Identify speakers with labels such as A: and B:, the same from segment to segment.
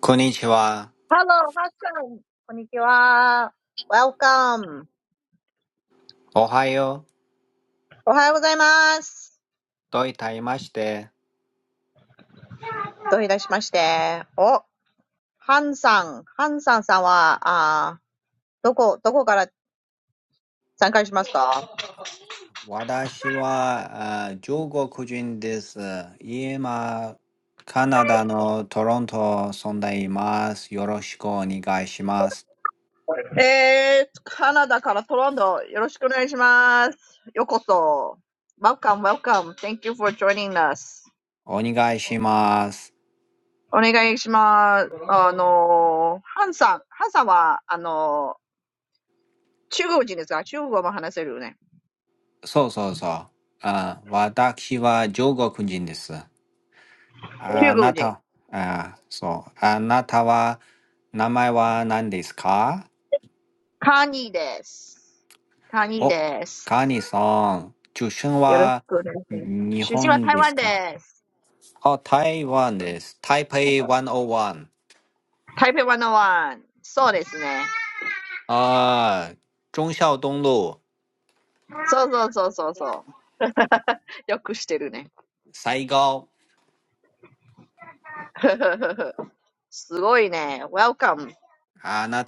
A: こんにちは。おはよう。といたいまして。私はあ中国人です。今、カナダのトロントに住んでいます。よろしくお願いします。お願いします。そうそうそう。あ私は中国人です。あなた、あそう。あなたは、名前は何ですか
B: Hello, ハッサン。こんにちは。Welcome. おはようございます。どういたしまして。お、ハンさん。ハンさんさんは、あーどこ、どこから参加しますか？えー、カナダからトロント、よろしくお願いします。ようこそ。Welcome, welcome. Thank you for joining us. お願いします。あのー、ハンさん。ハンさんは、あのー、中国人ですか？中国語も話せるよね。中国人。抗議です。抗議です。よろしくお願いします。出身は台湾です。台北101。そうですね。そうそうそうそうそう。よくしてるね。すごいね。Welcome.
A: お、カニさん、出身はに日本ですかあ、台湾です。台北101。あ、忠孝東路、最高。あなたの日本語は上手ですね。うんうんうん。ありありがとう。お、Hello。はじめまして。Yes.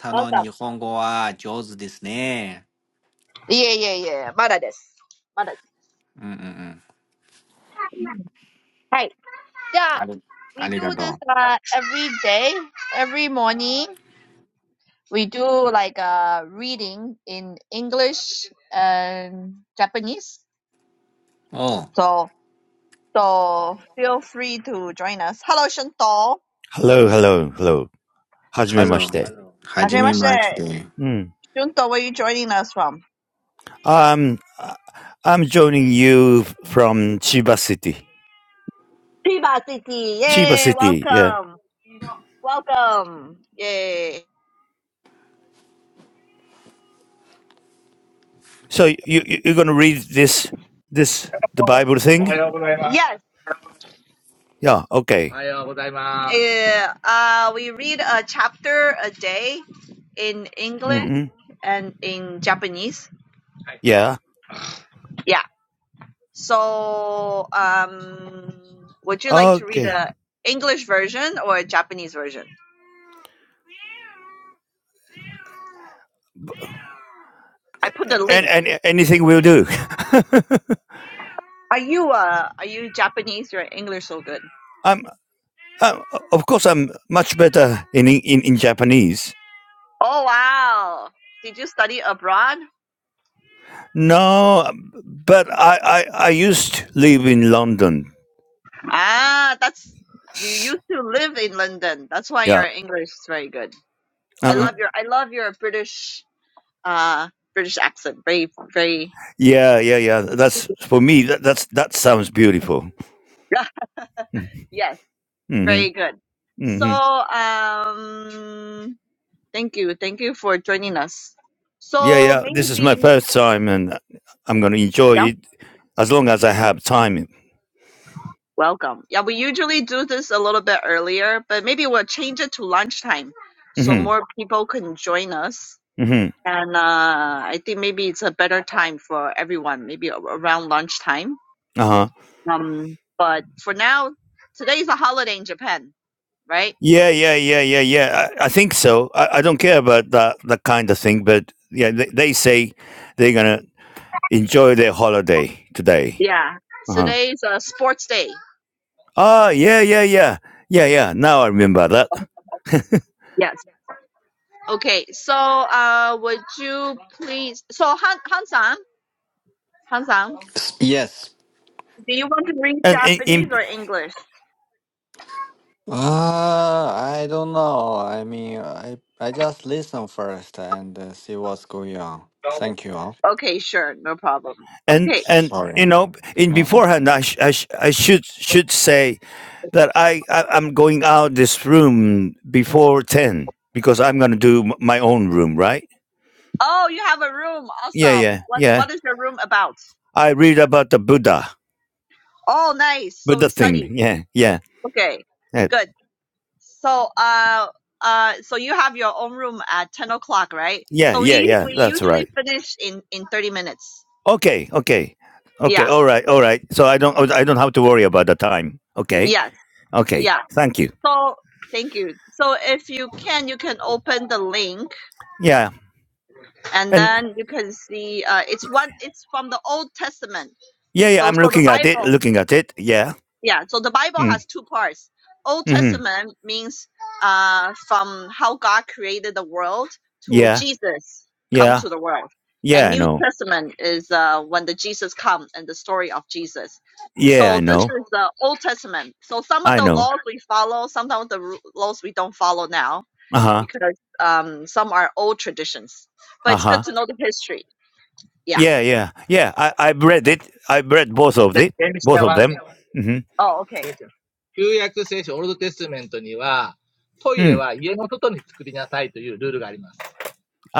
B: Welcome. いえいえいえ、まだです。まだです。はい。じゃあ、we do this、uh, every day, every morning. We do like a reading in English and Japanese. So. So feel free to join us. Hello, Shunto.
C: Hello, hello, hello. Hajimemashite. Hello.
B: Hajimashite.
C: Mm.
B: Shunto, where are you joining us from?
C: Um, I- I'm joining you from Chiba City.
B: Chiba City.
C: Chiba
B: Yay,
C: City, yeah.
B: welcome. Welcome. Yay.
C: So you, you you're gonna read this this the Bible thing?
B: おはようございます。Yes.
C: Yeah. Okay.
B: おはようございます。Yeah, uh, we read a chapter a day in English
C: Mm-hmm.
B: and in Japanese. はい。
C: Yeah.
B: Yeah. So, um, would you like to read
C: Okay.
B: a English version or a Japanese version? I put the
C: And
B: link.
C: and anything will do.
B: Are you uh are you Japanese? Your English so good.
C: I'm, i of course I'm much better in in, in Japanese.
B: Oh wow. Did you study abroad?
C: No, but I, I I used to live in London.
B: Ah, that's you used to live in London. That's why your
C: Yeah.
B: English is very good. I
C: Uh-huh.
B: love your I love your British uh British accent. Very very
C: Yeah, yeah, yeah. That's for me. That, that's that sounds beautiful.
B: yes,
C: hmm
B: very good. So
C: hmm
B: um thank you. Thank you for joining us.
C: Yeah,
B: So
C: yeah. This is my
B: maybe
C: first time, and I'm gonna enjoy
B: yeah.
C: it as long as I have time.
B: Welcome. Yeah, we usually do this a little bit earlier, but maybe we'll change it to lunchtime so
C: hmm
B: more people can join us.
C: hmm
B: And uh, I think maybe it's a better time for everyone, maybe a- around lunchtime.
C: Uh huh.
B: Um, but for now, today's a holiday in Japan, right?
C: Yeah, yeah, yeah, yeah, yeah. I, I think so. I, I don't care about that that kind of thing, but yeah, they, they say they're gonna enjoy their holiday today.
B: Yeah.
C: Uh huh.
B: Today's a sports day.
C: Ah, yeah, yeah, yeah, yeah, yeah. Now I remember that.
B: Yes. Okay. So, uh, would you please? So, Han Han-san, Han-san, do you want to read
C: And in,
B: Japanese
C: in
B: or English?
A: Uh, I don't know. I mean, I I just listen first and uh, see what's going on. Thank you. all.
B: Okay, sure, no problem.
C: and
B: Okay.
C: and you
A: Sorry.
C: know in
A: Mm,
C: beforehand i, sh- I, sh- I should should say that I, I i'm going out this room before 10 because i'm going to do m- my own room right
B: Oh, you have a room.
C: yeah
B: Awesome.
C: yeah
B: What
C: yeah
B: What is your room about?
C: i read about the buddha
B: Oh, nice. So
C: buddha
B: we
C: thing
B: study.
C: yeah yeah
B: Okay,
C: yeah
B: good. So uh uh, so you have your own room at ten o'clock, right?
C: yeah
B: So
C: yeah,
B: we
C: yeah
B: we
C: that's right
B: usually finish in in thirty minutes.
C: okay okay okay
B: Yeah.
C: all right all right so i don't i don't have to worry about the time okay
B: Yes.
C: okay
B: Yeah.
C: thank you
B: So thank you. So if you can, you can open the link,
C: yeah
B: and
C: and
B: then you can see. Uh, it's one. It's from the Old Testament.
C: yeah yeah
B: So
C: i'm
B: so the
C: looking at it
B: Bible.
C: looking at it yeah
B: yeah so the bible
C: mm,
B: has two parts old
C: mm-hmm.
B: testament means uh from how god created the world to
C: yeah
B: jesus come
C: yeah
B: to the world and
C: Yeah, I
B: new
C: know.
B: testament is uh when the jesus come and the story of jesus
C: Yeah,
B: so
C: I
B: this
C: know.
B: is the old testament so some of
C: I
B: the
C: know.
B: laws we follow some of the ru- laws we don't follow now
C: Uh huh.
B: because um some are old traditions but
C: Uh
B: it's good
C: huh.
B: to know the history yeah
C: Yeah, yeah, yeah. I I read it. I read both of
B: Let,
C: it.
B: let me
C: Both
B: share
C: of
B: one
C: them.
B: thing. Oh, okay. 聖書旧約聖書、オールドテストメントには、トイレは家の外に作りなさいというルールがあります。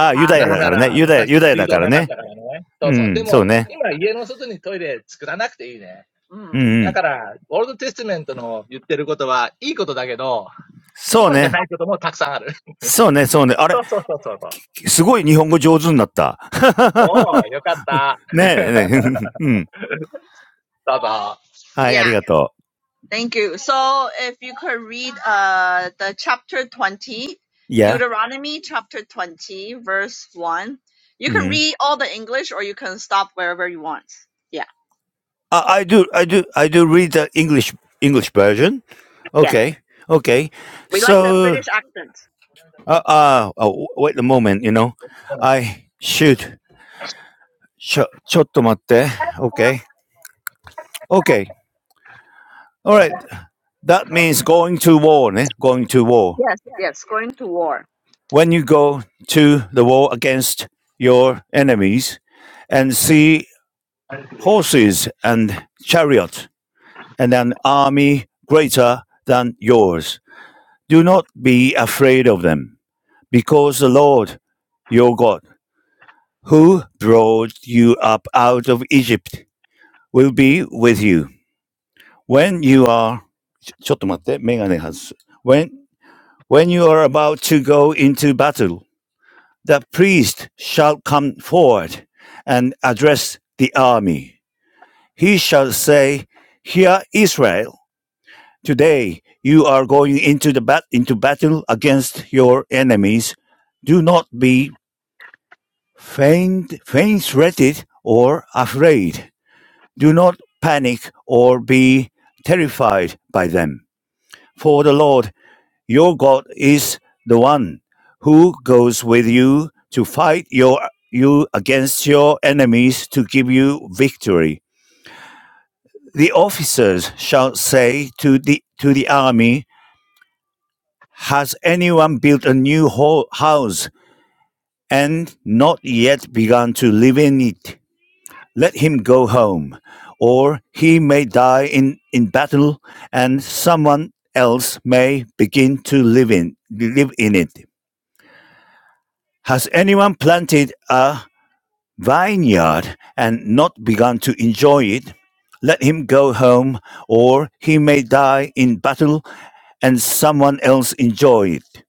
B: Uh huh. なぜなら、昔水道なかったからね。そうそう。でも、今家の外にトイレ作らなくていいね。Mm.
C: うんふん。うん。ああ、ユダヤだからね。ユダヤ、ユダヤだからね。うん、そうね。うんうん。そうね。そうね、そうね。あれ、すごい日本語上手になった。ねえ、ねえ
B: だから、オールドテストメントの言ってることはいいことだけど、今じゃないこともたくさんある。そうそうそうそうそう。おー、よかった。どうぞ。
C: うん。はい、ありがとう。Yeah.
B: Thank you. So if you could read uh the chapter 20, Deuteronomy chapter 20 verse 1. You can
C: うん。I,
B: read all the English or you can stop wherever you want. Yeah.
C: I do, I do, I do read the English, English version.
B: Yeah.
C: Okay. Okay.
B: We like the
C: So.
B: British accent.
C: あ、ああ、oh, wait a moment, you know. I shoot. ちょ、ちょっと待って。Okay. Okay. Alright. That means going to war ね。going to war.
B: Yes, yes, going to war.
C: When you go to the war against your enemies and see
B: Oh,
C: horses and chariot and an army greater than yours, do not be afraid of them because the Lord your God, who brought you up out of Egypt will be with you. When you are, ちょちょっと待って、メガネ外す。When, when you are about to go into battle, the priest shall come forward and address the army. He shall say, Hear Israel, today you are going into the bat- into battle against your enemies. Do not be faint, faint hearted or afraid. Do not panic or be terrified by them For the Lord your God is the one who goes with you to fight your, you against your enemies to give you victory. The officers shall say to the, to the army, Has anyone built a new house and not yet begun to live in it? Let him go home, or he may die in, in battle, and someone else may begin to live in live in it. Has anyone planted a vineyard and not begun to enjoy it? Let him go home, or he may die in battle and someone else enjoy it.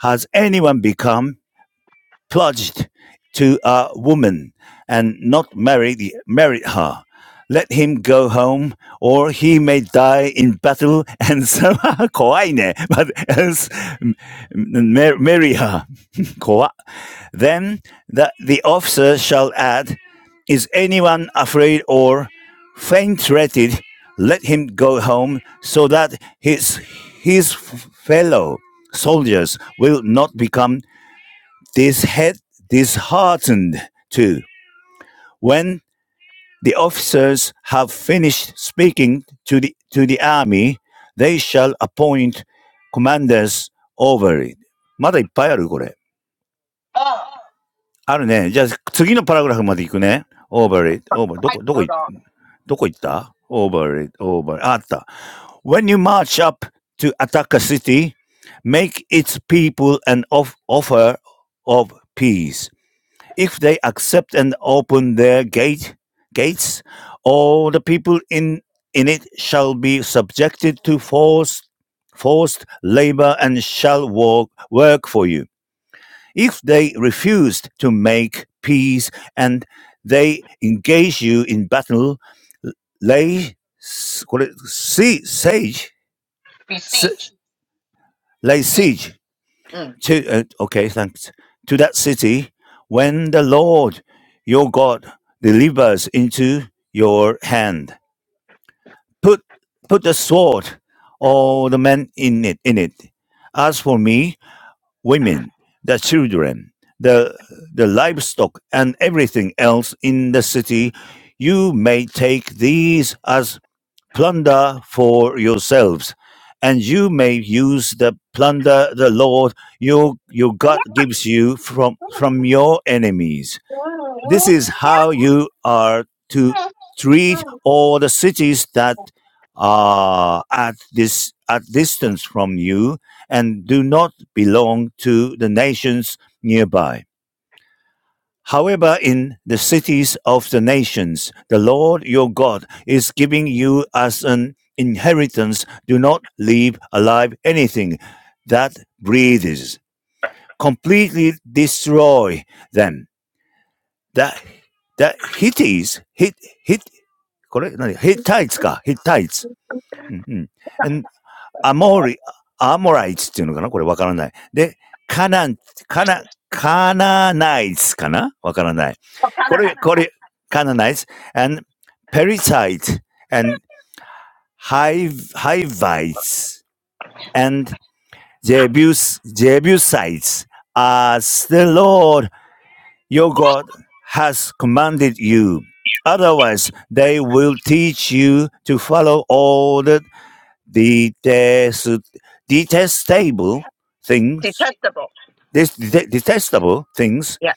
C: Has anyone become pledged to a woman and not married, married her? Let him go home, or he may die in battle and someone 怖いね。But else marry her. 怖 then the, the officer shall add, Is anyone afraid or faint hearted Let him go home so that his, his fellow soldiers will not become dishead, disheartened too. When the officers have finished speaking to the, to the army, they shall appoint commanders over it. まだいっぱいあるこれ。あるね。じゃあ、次のパラグラフまで行くね。over it, over,
B: fight, no, no.
C: どこ、どこい、どこ行った ?over it, over, ああった。When you march up to attack a city, make its people an of, offer of peace. If they accept and open their gate, gates, all the people in, in it shall be subjected to forced, forced labor and shall work, work for you. If they refused to make peace and they engage you in battle, lay siege, si-
B: Besiege.
C: lay
B: Siege.
C: siege
B: Mm.
C: to, uh, okay, thanks, to that city when the Lord your God delivers into your hand. Put, put the sword, all the men in it, in it. As for me, women, the children, the, the livestock, and everything else in the city, you may take these as plunder for yourselves, and you may use the plunder the Lord your, your
B: Oh,
C: God gives you from, from your enemies this is how you are to treat all the cities that are at this at distance from you and do not belong to the nations nearby. However, in the cities of the nations, the Lord your God is giving you as an inheritance. Do not leave alive anything that breathes. Completely destroy them the, the Hittites, Hit, Hit, これ何 ?Hittites か。Hittites。うんうん。and Amori, Amorites
B: kind of like, like
C: っていうのかなこれわからない。で、カナン、カナ、カナナイツかなわからない。これ、これ、カナナイツ and Perizzites and Hiv- Hivites and Jebus, Jebusites as the Lord Your God has commanded you. Otherwise, they will teach you to follow all the detest, detestable things,
B: detestable.
C: this det- detestable things
B: Yeah.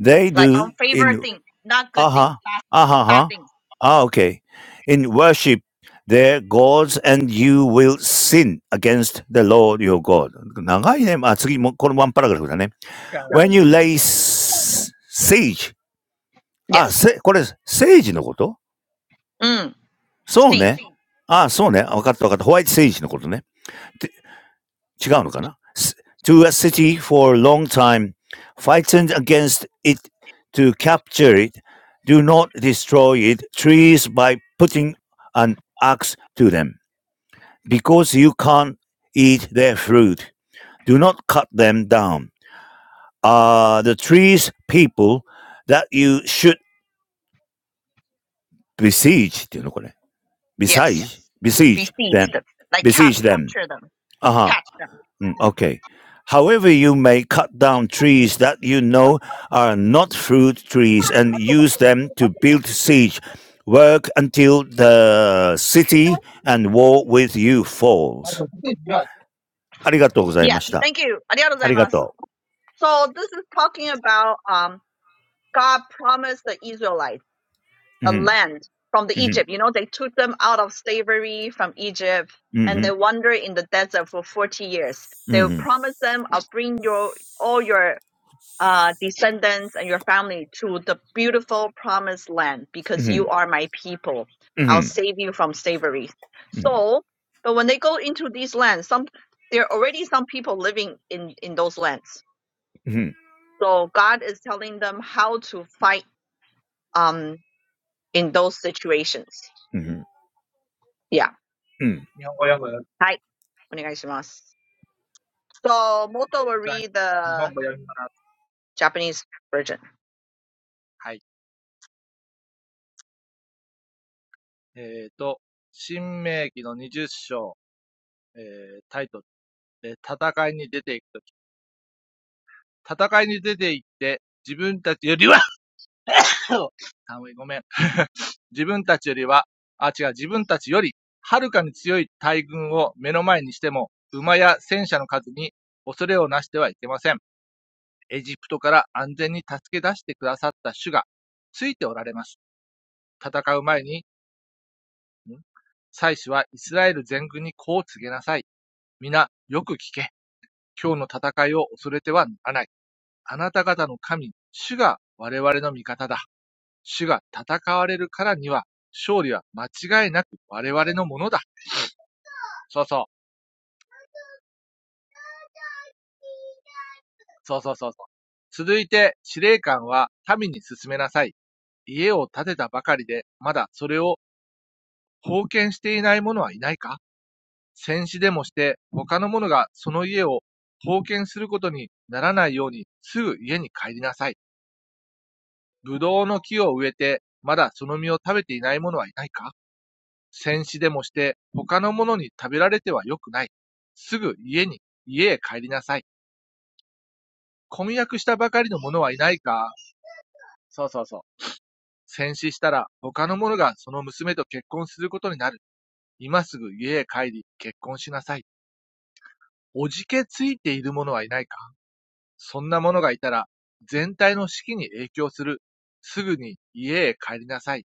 C: they
B: Like
C: do
B: unfavored
C: in
B: thing, not good thing.
C: aha, aha, aha,
B: Starting.
C: ah, okay, in worship their gods, and you will sin against the Lord your God. 長いね。あ、次も、このワンパラグラフだね。When you lay s- siege
B: Yes. Mm. Seed.
C: あ、せ、これ、セージのことそうね。あ、そうね。わかったわかった。ホワイトセージのことね。て違うのかな S- ?to a city for a long time, fighting against it to capture it, do not destroy it, trees by putting an axe to them, because you can't eat their fruit. Do not cut them down. Are the trees people that you should besiege? っていうのこれ。
B: Yes.
C: besiege, besiege them,
B: Besiege them. Like cap
C: besiege them.
B: capture them.
C: Uh huh.
B: Catch them. Mm.
C: okay. However, you may cut down trees that you know are not fruit trees and use them to build siege. Work until the city and war with you falls.
B: Right. Yes. Thank you. ありがとうございます. So this is talking about um God promised the Israelites a land from the Egypt. You know, they took them out of slavery from Egypt and they wandered in the desert for 40 years. They promised them, I'll bring your all your uh, descendants and your family to the beautiful promised land because you are my people. I'll
C: ありがとうございました。ありがとう。うん、うん、うん、うん、うん、うん、うん、うん、うん、うん、うん。そうよね。ななかなかね、強いよね。うん。
B: save you from slavery. So, but when they go into these lands, some there are already some people living in in those lands. So God is telling them how to fight um in those situations. Yeah. 我要买。So Moto will read
D: 日本語
B: the
D: 読みます。
B: Japanese version.
D: はい。えっ、ーと、新明記の20章、えータイトル、で戦いに出ていくとき。戦いに出ていって、自分たちよりは、あ、ごめん。自分たちよりは、あ、違う、自分たちより、はるかに強い大軍を目の前にしても、馬や戦車の数に恐れをなしてはいけません。エジプトから安全に助け出してくださった主が、ついておられます。戦う前に祭司はイスラエル全軍にこう告げなさい。皆、よく聞け。今日の戦いを恐れてはならない。あなた方の神、主が我々の味方だ。主が戦われるからには、勝利は間違いなく我々のものだ。そうそう。そうそうそうそう。続いて、司令官は民に進めなさい。家を建てたばかりで、まだそれを封建していない者はいないか戦死でもして、他の者がその家を封建することにならないように、すぐ家に帰りなさい。ぶどうの木を植えて、まだその実を食べていない者はいないか戦死でもして、他の者に食べられてはよくない。すぐ家に、家へ帰りなさい。婚約したばかりの者はいないかそうそうそう。戦死したら、他の者がその娘と結婚することになる。今すぐ家へ帰り、結婚しなさい。おじけついている者はいないかそんなものがいたら、全体の士気に影響する。すぐに家へ帰りなさい。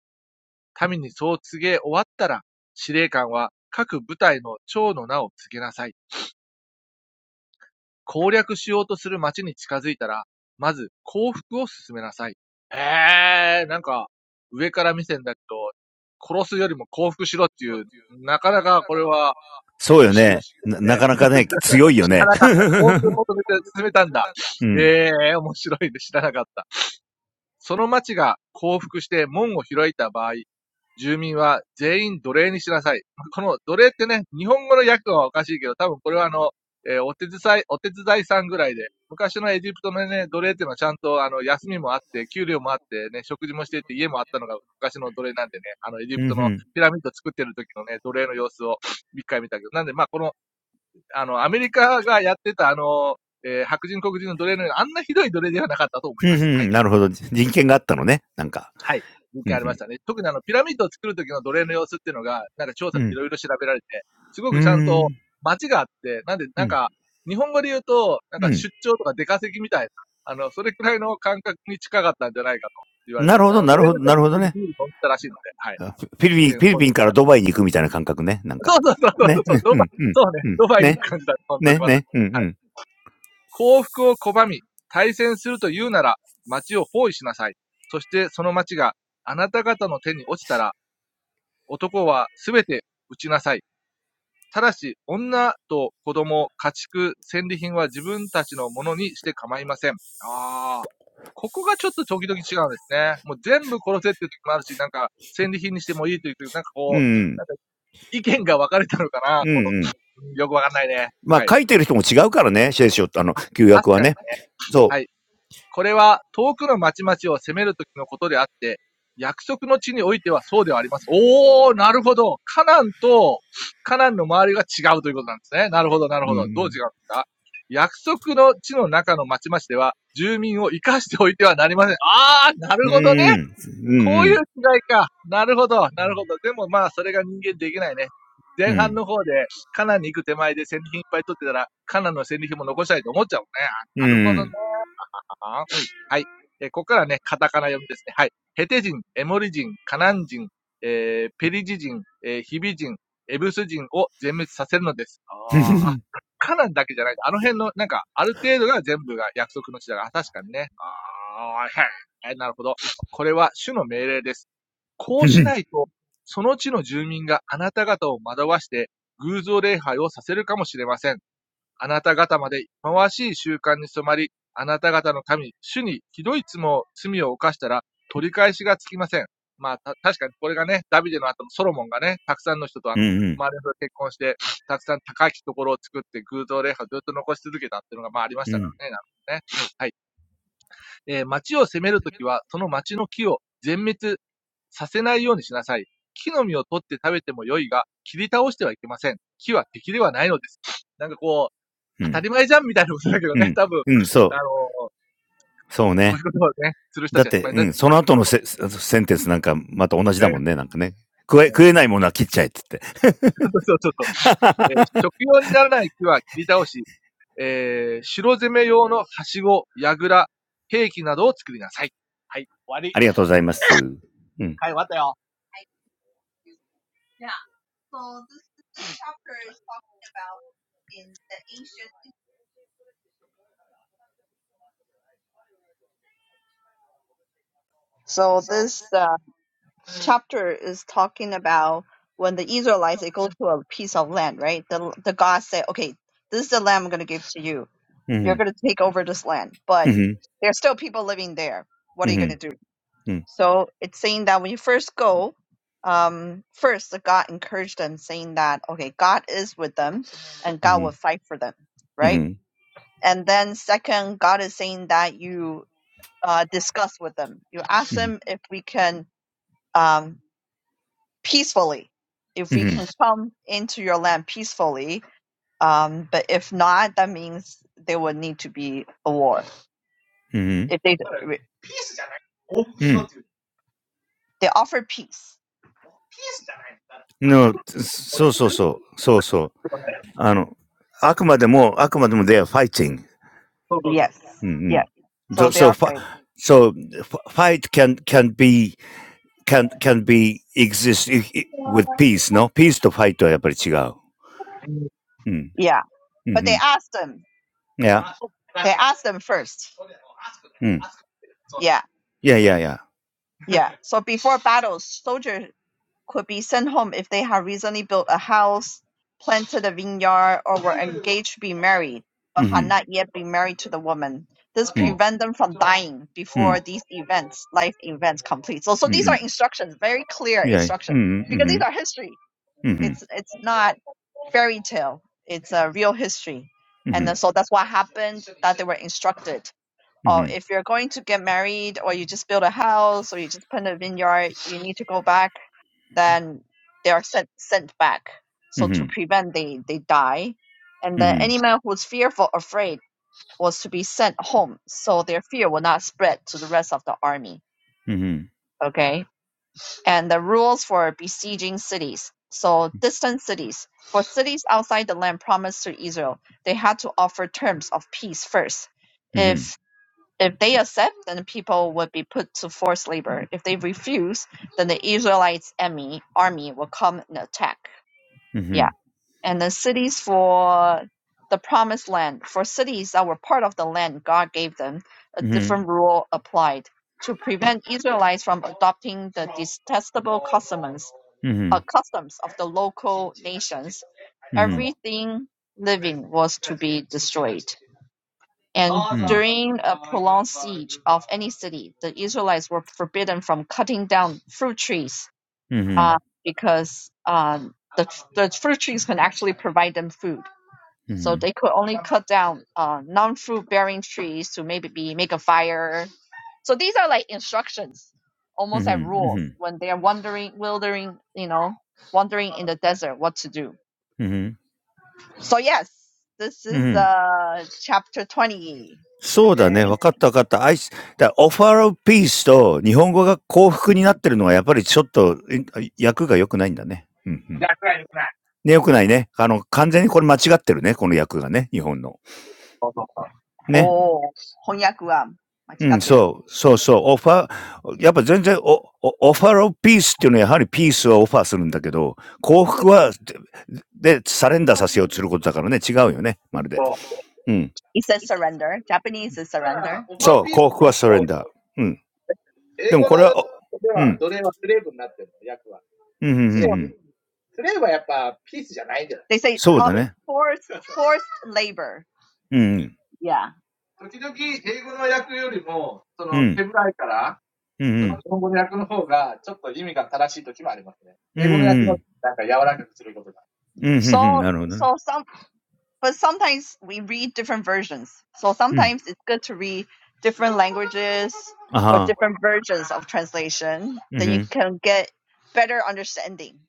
D: 民にそう告げ終わったら、司令官は各部隊の長の名を告げなさい。攻略しようとする町に近づいたら、まず降伏を進めなさい。へー、なんか、上から目線だけど、殺すよりも降伏しろっていう、なかなかこれは不思議なことで、知らなかった。降伏を求めて進めたんだ。へー、面白いで知らなかった。その町が降伏して門を開いた場合、住民は全員奴隷にしなさい。この奴隷ってね、日本語の訳はおかしいけど、多分これはあの、えーお手伝い、お手伝いさんぐらいで、昔のエジプトのね、奴隷っていうのはちゃんとあの、休みもあって、給料もあってね、食事もしてって家もあったのが昔の奴隷なんでね、あの、エジプト のピラミッド作ってる時のね、奴隷の様子を一回見たけど、なんでまあこの、あの、アメリカがやってたあの、えー白人黒人の奴隷のようなあんなひどい奴隷ではなかったと思
C: うんうん、なるほど。人権があったのね。なんか。うんうん。うん。うーん。うん。うん。なるほど、なるほど、なるほどね。あ、フィリピン、フィリピンからドバイに行くみたいな感覚ね。なんか。ね。うんうんうん。うん。ね。ねね。うんうん。うんうん。うんうん。ま、書いてる人も違うからね、聖書ってあの、旧約はね。そう。うんうん。うーん。うんうん。うん。うんうん。うんうん。うんうん。うんうん。うん。うん。うん、そう。そうね。
D: います。はい。はい。文献ありましたね。特にあの、ピラミッドを作る時の奴隷の様子っていうのが、なんか調査でいろいろ調べられて、すごくちゃんと街があって、なんで、なんか、日本語で言うと、なんか出張とか出稼ぎみたいな、あの、それくらいの感覚に近かったんじゃないかと言われてますね。あの、奴隷の人にビール飲んでたらしいので、はい。健康的か。そうそうそうそうそう、ドバイ、そうね、ドバイに行く感じだ。本当にまさに。はい。幸福を拒み、対戦すると言うなら、街を包囲しなさい。そしてその街があなた方の手に落ちたら、男はすべて撃ちなさい。ただし、女と子供、家畜、戦利品は自分たちのものにして構いません。ああ。ここがちょっと時々違うんですね。もう全部殺せっていう時もあるし、なんか戦利品にしてもいいという時、なんかこう、なんか意見が分かれたのかなこの、よくわかんないね。はい。確かにね。はい。これは遠くの町々を攻めるときのことであって、約束の地においてはそうではありません。おー、なるほど。カナンとカナンの周りが違うということなんですね。なるほど、なるほど。どう違うんですか約束の地の中の町々では住民を生かしておいてはなりません。あー、なるほどね。こういう違いか。なるほど、なるほど。でもまあ、それが人間できないね。前半の方で、カナンに行く手前で戦利品いっぱい取ってたら、カナンの戦利品も残したいと思っちゃうもんね。なるほどね。はい。えーここからね、カタカナ読みですね。はい。ヘテ人、エモリ人、カナン人、えーペリジ人、えーヒビ人、エブス人を全滅させるのです。ああ、カナンだけじゃない。あの辺の、なんか、ある程度が全部が約束の地だが、確かにね。ああ、はい。なるほど。これは主の命令です。こうしないと、その地の住民があなた方を惑わして、偶像礼拝をさせるかもしれません。あなた方まで忌まわしい習慣に染まり、あなた方の神、主にひどい罪を罪を犯したら取り返しがつきません。まあ、た確かにこれがね、ダビデの後のソロモンがね、たくさんの人とあの、周りの人と結婚して、たくさん高きところを作って偶像礼拝をずっと残し続けたっていうのが、まあありましたからね。なるほどね。はい。えー町を攻めるときは、その町の木を全滅させないようにしなさい。木の実を取って食べても良いが、切り倒してはいけません。木は敵ではないのです。なんかこう、当たり前じゃんみたいなことだけどね、多分、あのーそういうことをね、する人たちがいっぱいいますね。ね。ね そうそうそう。えー食用にならない木は切り倒し、えー城攻め用のはしご、やぐら、兵器などを作りなさい。はい、終わり。はい、終わったよ。
B: So this uh, chapter is talking about when the Israelites they go to a piece of land, right? The the God said, "Okay, this is the land I'm going to give to you. You're going to take over this land, but there's still people living there. What are you going to do?"
C: だって、うん、その後のセセンテンスなんかまた同じだもんね、なんかね。食え、食えないものは切っちゃえって言って。ありがとうございます。うん。うん。うん。うん。うん。うん。うん。うん。うん。うん。うん。うん。の、そうそうそう。そうそう。あの、あくまでも、あくまでも
B: So it's saying that when you first go, um, first the God encouraged them, saying that, "Okay, God is with them, and God will fight for them, right?" And then second, God is saying that you uh, discuss with them. You ask them if we can. Um, peacefully if we can come into your land peacefully um but if not that means there would need to be a war if they they offer peace
C: they are fighting.
B: yes yes so
C: うん。うん。So,
B: they
C: so,
B: are
C: fi-
B: afraid
C: so f- fight can, can be, can, can be exist i- i- with peace, no? peace と fight はやっぱり違う。うん。うん。
B: yeah but they ask them
C: Yeah.
B: they ask them first
C: Mm.
B: yeah
C: Yeah. Yeah. Yeah.
B: yeah so before battles soldiers could be sent home if they had recently built a house, planted a vineyard, or were engaged to be married, but had
C: Mm-hmm.
B: not yet been married to the woman. This
C: Mm.
B: prevent them from dying before
C: Mm.
B: these events, life events, complete. So, so these are
C: Mm.
B: instructions, very clear
C: Yeah.
B: instructions,
C: Mm.
B: because these are
C: Mm-hmm.
B: history.
C: Mm-hmm.
B: It's it's not fairy tale. It's a real history, and then, so that's what happened. That they were instructed or
C: Mm-hmm. Mm-hmm.
B: if you're going to get married or you just build a house or you just plant a vineyard, you need to go back, then they are sent sent back. So to
C: Mm-hmm.
B: prevent they, they die. And then any man who's fearful, afraid was to be sent home, so their fear will not spread to the rest of the army. Okay. And the rules for besieging cities. So distant cities. For cities outside the land promised to Israel, they had to offer terms of peace first.
C: Mm-hmm.
B: If if they accept, then the people would be put to forced labor. If they refuse, then the Israelites' army army will come and attack.
C: Mm-hmm. Mm-hmm.
B: Yeah, and the cities for the promised land, for cities that were part of the land God gave them, a different rule applied to prevent Israelites from adopting the detestable customs uh, customs of the local nations.
C: Mm-hmm. Mm-hmm. Mm-hmm. Mm-hmm.
B: Everything living was to be destroyed. And during a prolonged siege of any city, the Israelites were forbidden from cutting down fruit trees uh,
C: Mm-hmm.
B: because uh, the, the fruit trees can actually provide them food. So they could only cut down uh, non-fruit bearing trees to maybe be, make a fire. So these are like instructions, almost like rules
C: Mm-hmm.
B: when they are wandering, wandering, you know, wandering in the desert, what to do.
C: Mm-hmm.
B: So yes, this is uh, chapter 20.
C: うんそうだね。わかったわかった。アイス、だオファーオピースと日本語が幸福になってるのはやっぱりちょっとえ訳が良くないんだね。うんうん。ね、良くないね。あの、完全にこれ間違ってるね。この訳がね。日本の。ね。
B: Oh, konnichiwa.
C: うん、そう、そうそう、オファー、やっぱ全然お、おオファーオブピースっていうのはやはりピースはオファーするんだけど、幸福は、で、でサレンダーさせようとすることだからね、違うよね、まるで。うん。そう、幸福はサレンダー。うん。でもこれは、おうん、うん、うん、うん、うん。そうだね。うん、うん、うん、うん、うん、うん、うん、うん、うん、うん、なるほどね。うん。あは、うん、うん、うん、うん、そうだね。いやいやいや、そうだ、ほんとそう。うん、そう思った。うん、うん、うん。
B: Ichi katteru. It says surrender. Japanese is だか surrender. Over peace, and then English is slave. Slave is not peace. They say uh, forced forced labor. Yeah. Sometimes the English translation is more accurate than the Japanese translation. English translation is softer. So, so some. but sometimes we read different versions. So sometimes it's good to read different languages or different versions of translation. Then you can get better understanding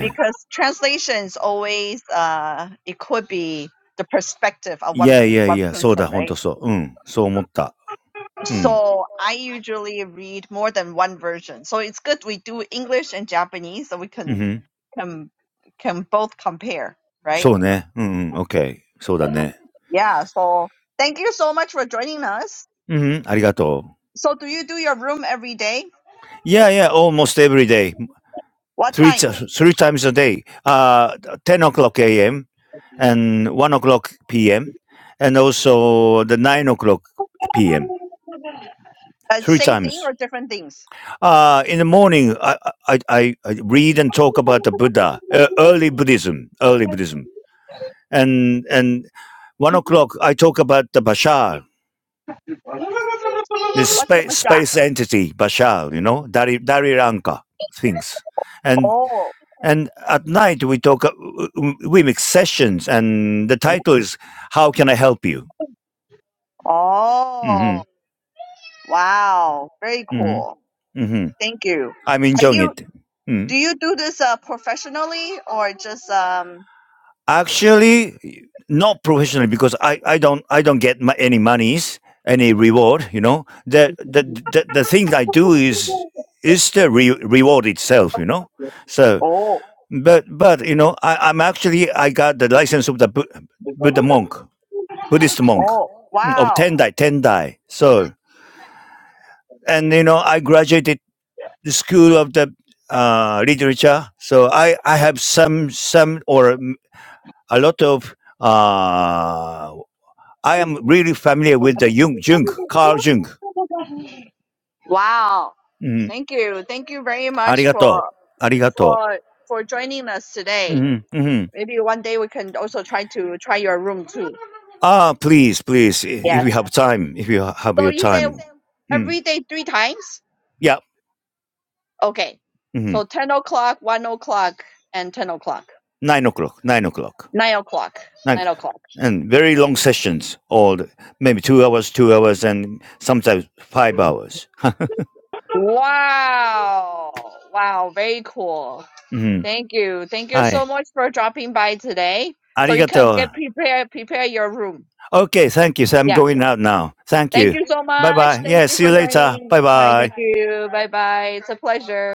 B: because translations always uh, it could be the perspective of one one person, right? So I usually read more than one version. So it's good we do English and Japanese so we can can can both compare, right? Yeah. So thank you so much for joining us.
C: そうね。うんうん。OK。そうだね。うんうん。ありがとう。Yeah,
B: So do you do your room every day?
C: yeah, almost every day.
B: What
C: Three, t-
B: time?
C: three times a day. Uh, 10 o'clock a.m. and 1 o'clock p.m. and also the 9 o'clock p.m.
B: Uh,
C: Three
B: same thing
C: times.
B: or different things?
C: Uh, in the morning, I, I, I I read and talk about the Buddha, uh, early Buddhism, early Buddhism. And, and 1 o'clock, I talk about the Bashar, this
B: What's the
C: space
B: budget?
C: space entity Bashar, you know, Dari Dari Ranka things, and
B: Oh,
C: and at night we talk, uh, uh, we make sessions, and the title is "How Can I Help You?" hmm
B: oh, wow, very
C: hmm
B: cool.
C: hmm
B: Thank you.
C: I'm
B: Are
C: enjoying
B: you?
C: it.
B: Do
C: Mm.
B: you do this uh, professionally or just um?
C: Actually, not professionally because I, I don't I don't get my, any monies, any reward. You know, the the the, the thing I do is is the re- reward itself. You know, So.
B: Oh,
C: But but you know, I, I'm actually I got the license of the Bu- Buddha monk, Buddhist monk
B: oh,
C: mm, of
B: wow,
C: Tendai, Tendai. So and you know, I graduated the school of the uh, literature. So I I have some some or mm, a lot of. Uh, I am really familiar with the Jung, Jung, Carl Jung.
B: wow.
C: Mm,
B: Thank you, thank you very much
C: arigato,
B: for
C: arigato.
B: for for joining us today.
C: hmm hmm
B: Maybe one day we can also try to try your room too.
C: Ah, please, please, i- if
B: Yes.
C: you have time, if you ha- have
B: So
C: your
B: you say
C: time. Mm,
B: every day three times?
C: yeah.
B: Okay. So 10 o'clock, 1 o'clock, and 10 o'clock.
C: nine o'clock, nine o'clock,
B: 9 o'clock.
C: like,
B: 9 o'clock.
C: and very long sessions, all the- maybe two hours, two hours, and sometimes five hours.
B: Wow. Wow. Very cool.
C: Mm-hmm.
B: Thank you. Thank you so
C: Hi,
B: much for dropping by today. So you can get
C: arigato.
B: prepared, prepare your room.
C: Okay, thank you. So I'm
B: Yeah.
C: going out now. Thank
B: Thank
C: you.
B: you so
C: Bye
B: much.
C: bye.
B: Thank
C: Yeah,
B: you
C: see you
B: for
C: later.
B: joining.
C: Bye
B: Hi. Thank
C: bye.
B: you. Bye bye. It's a pleasure.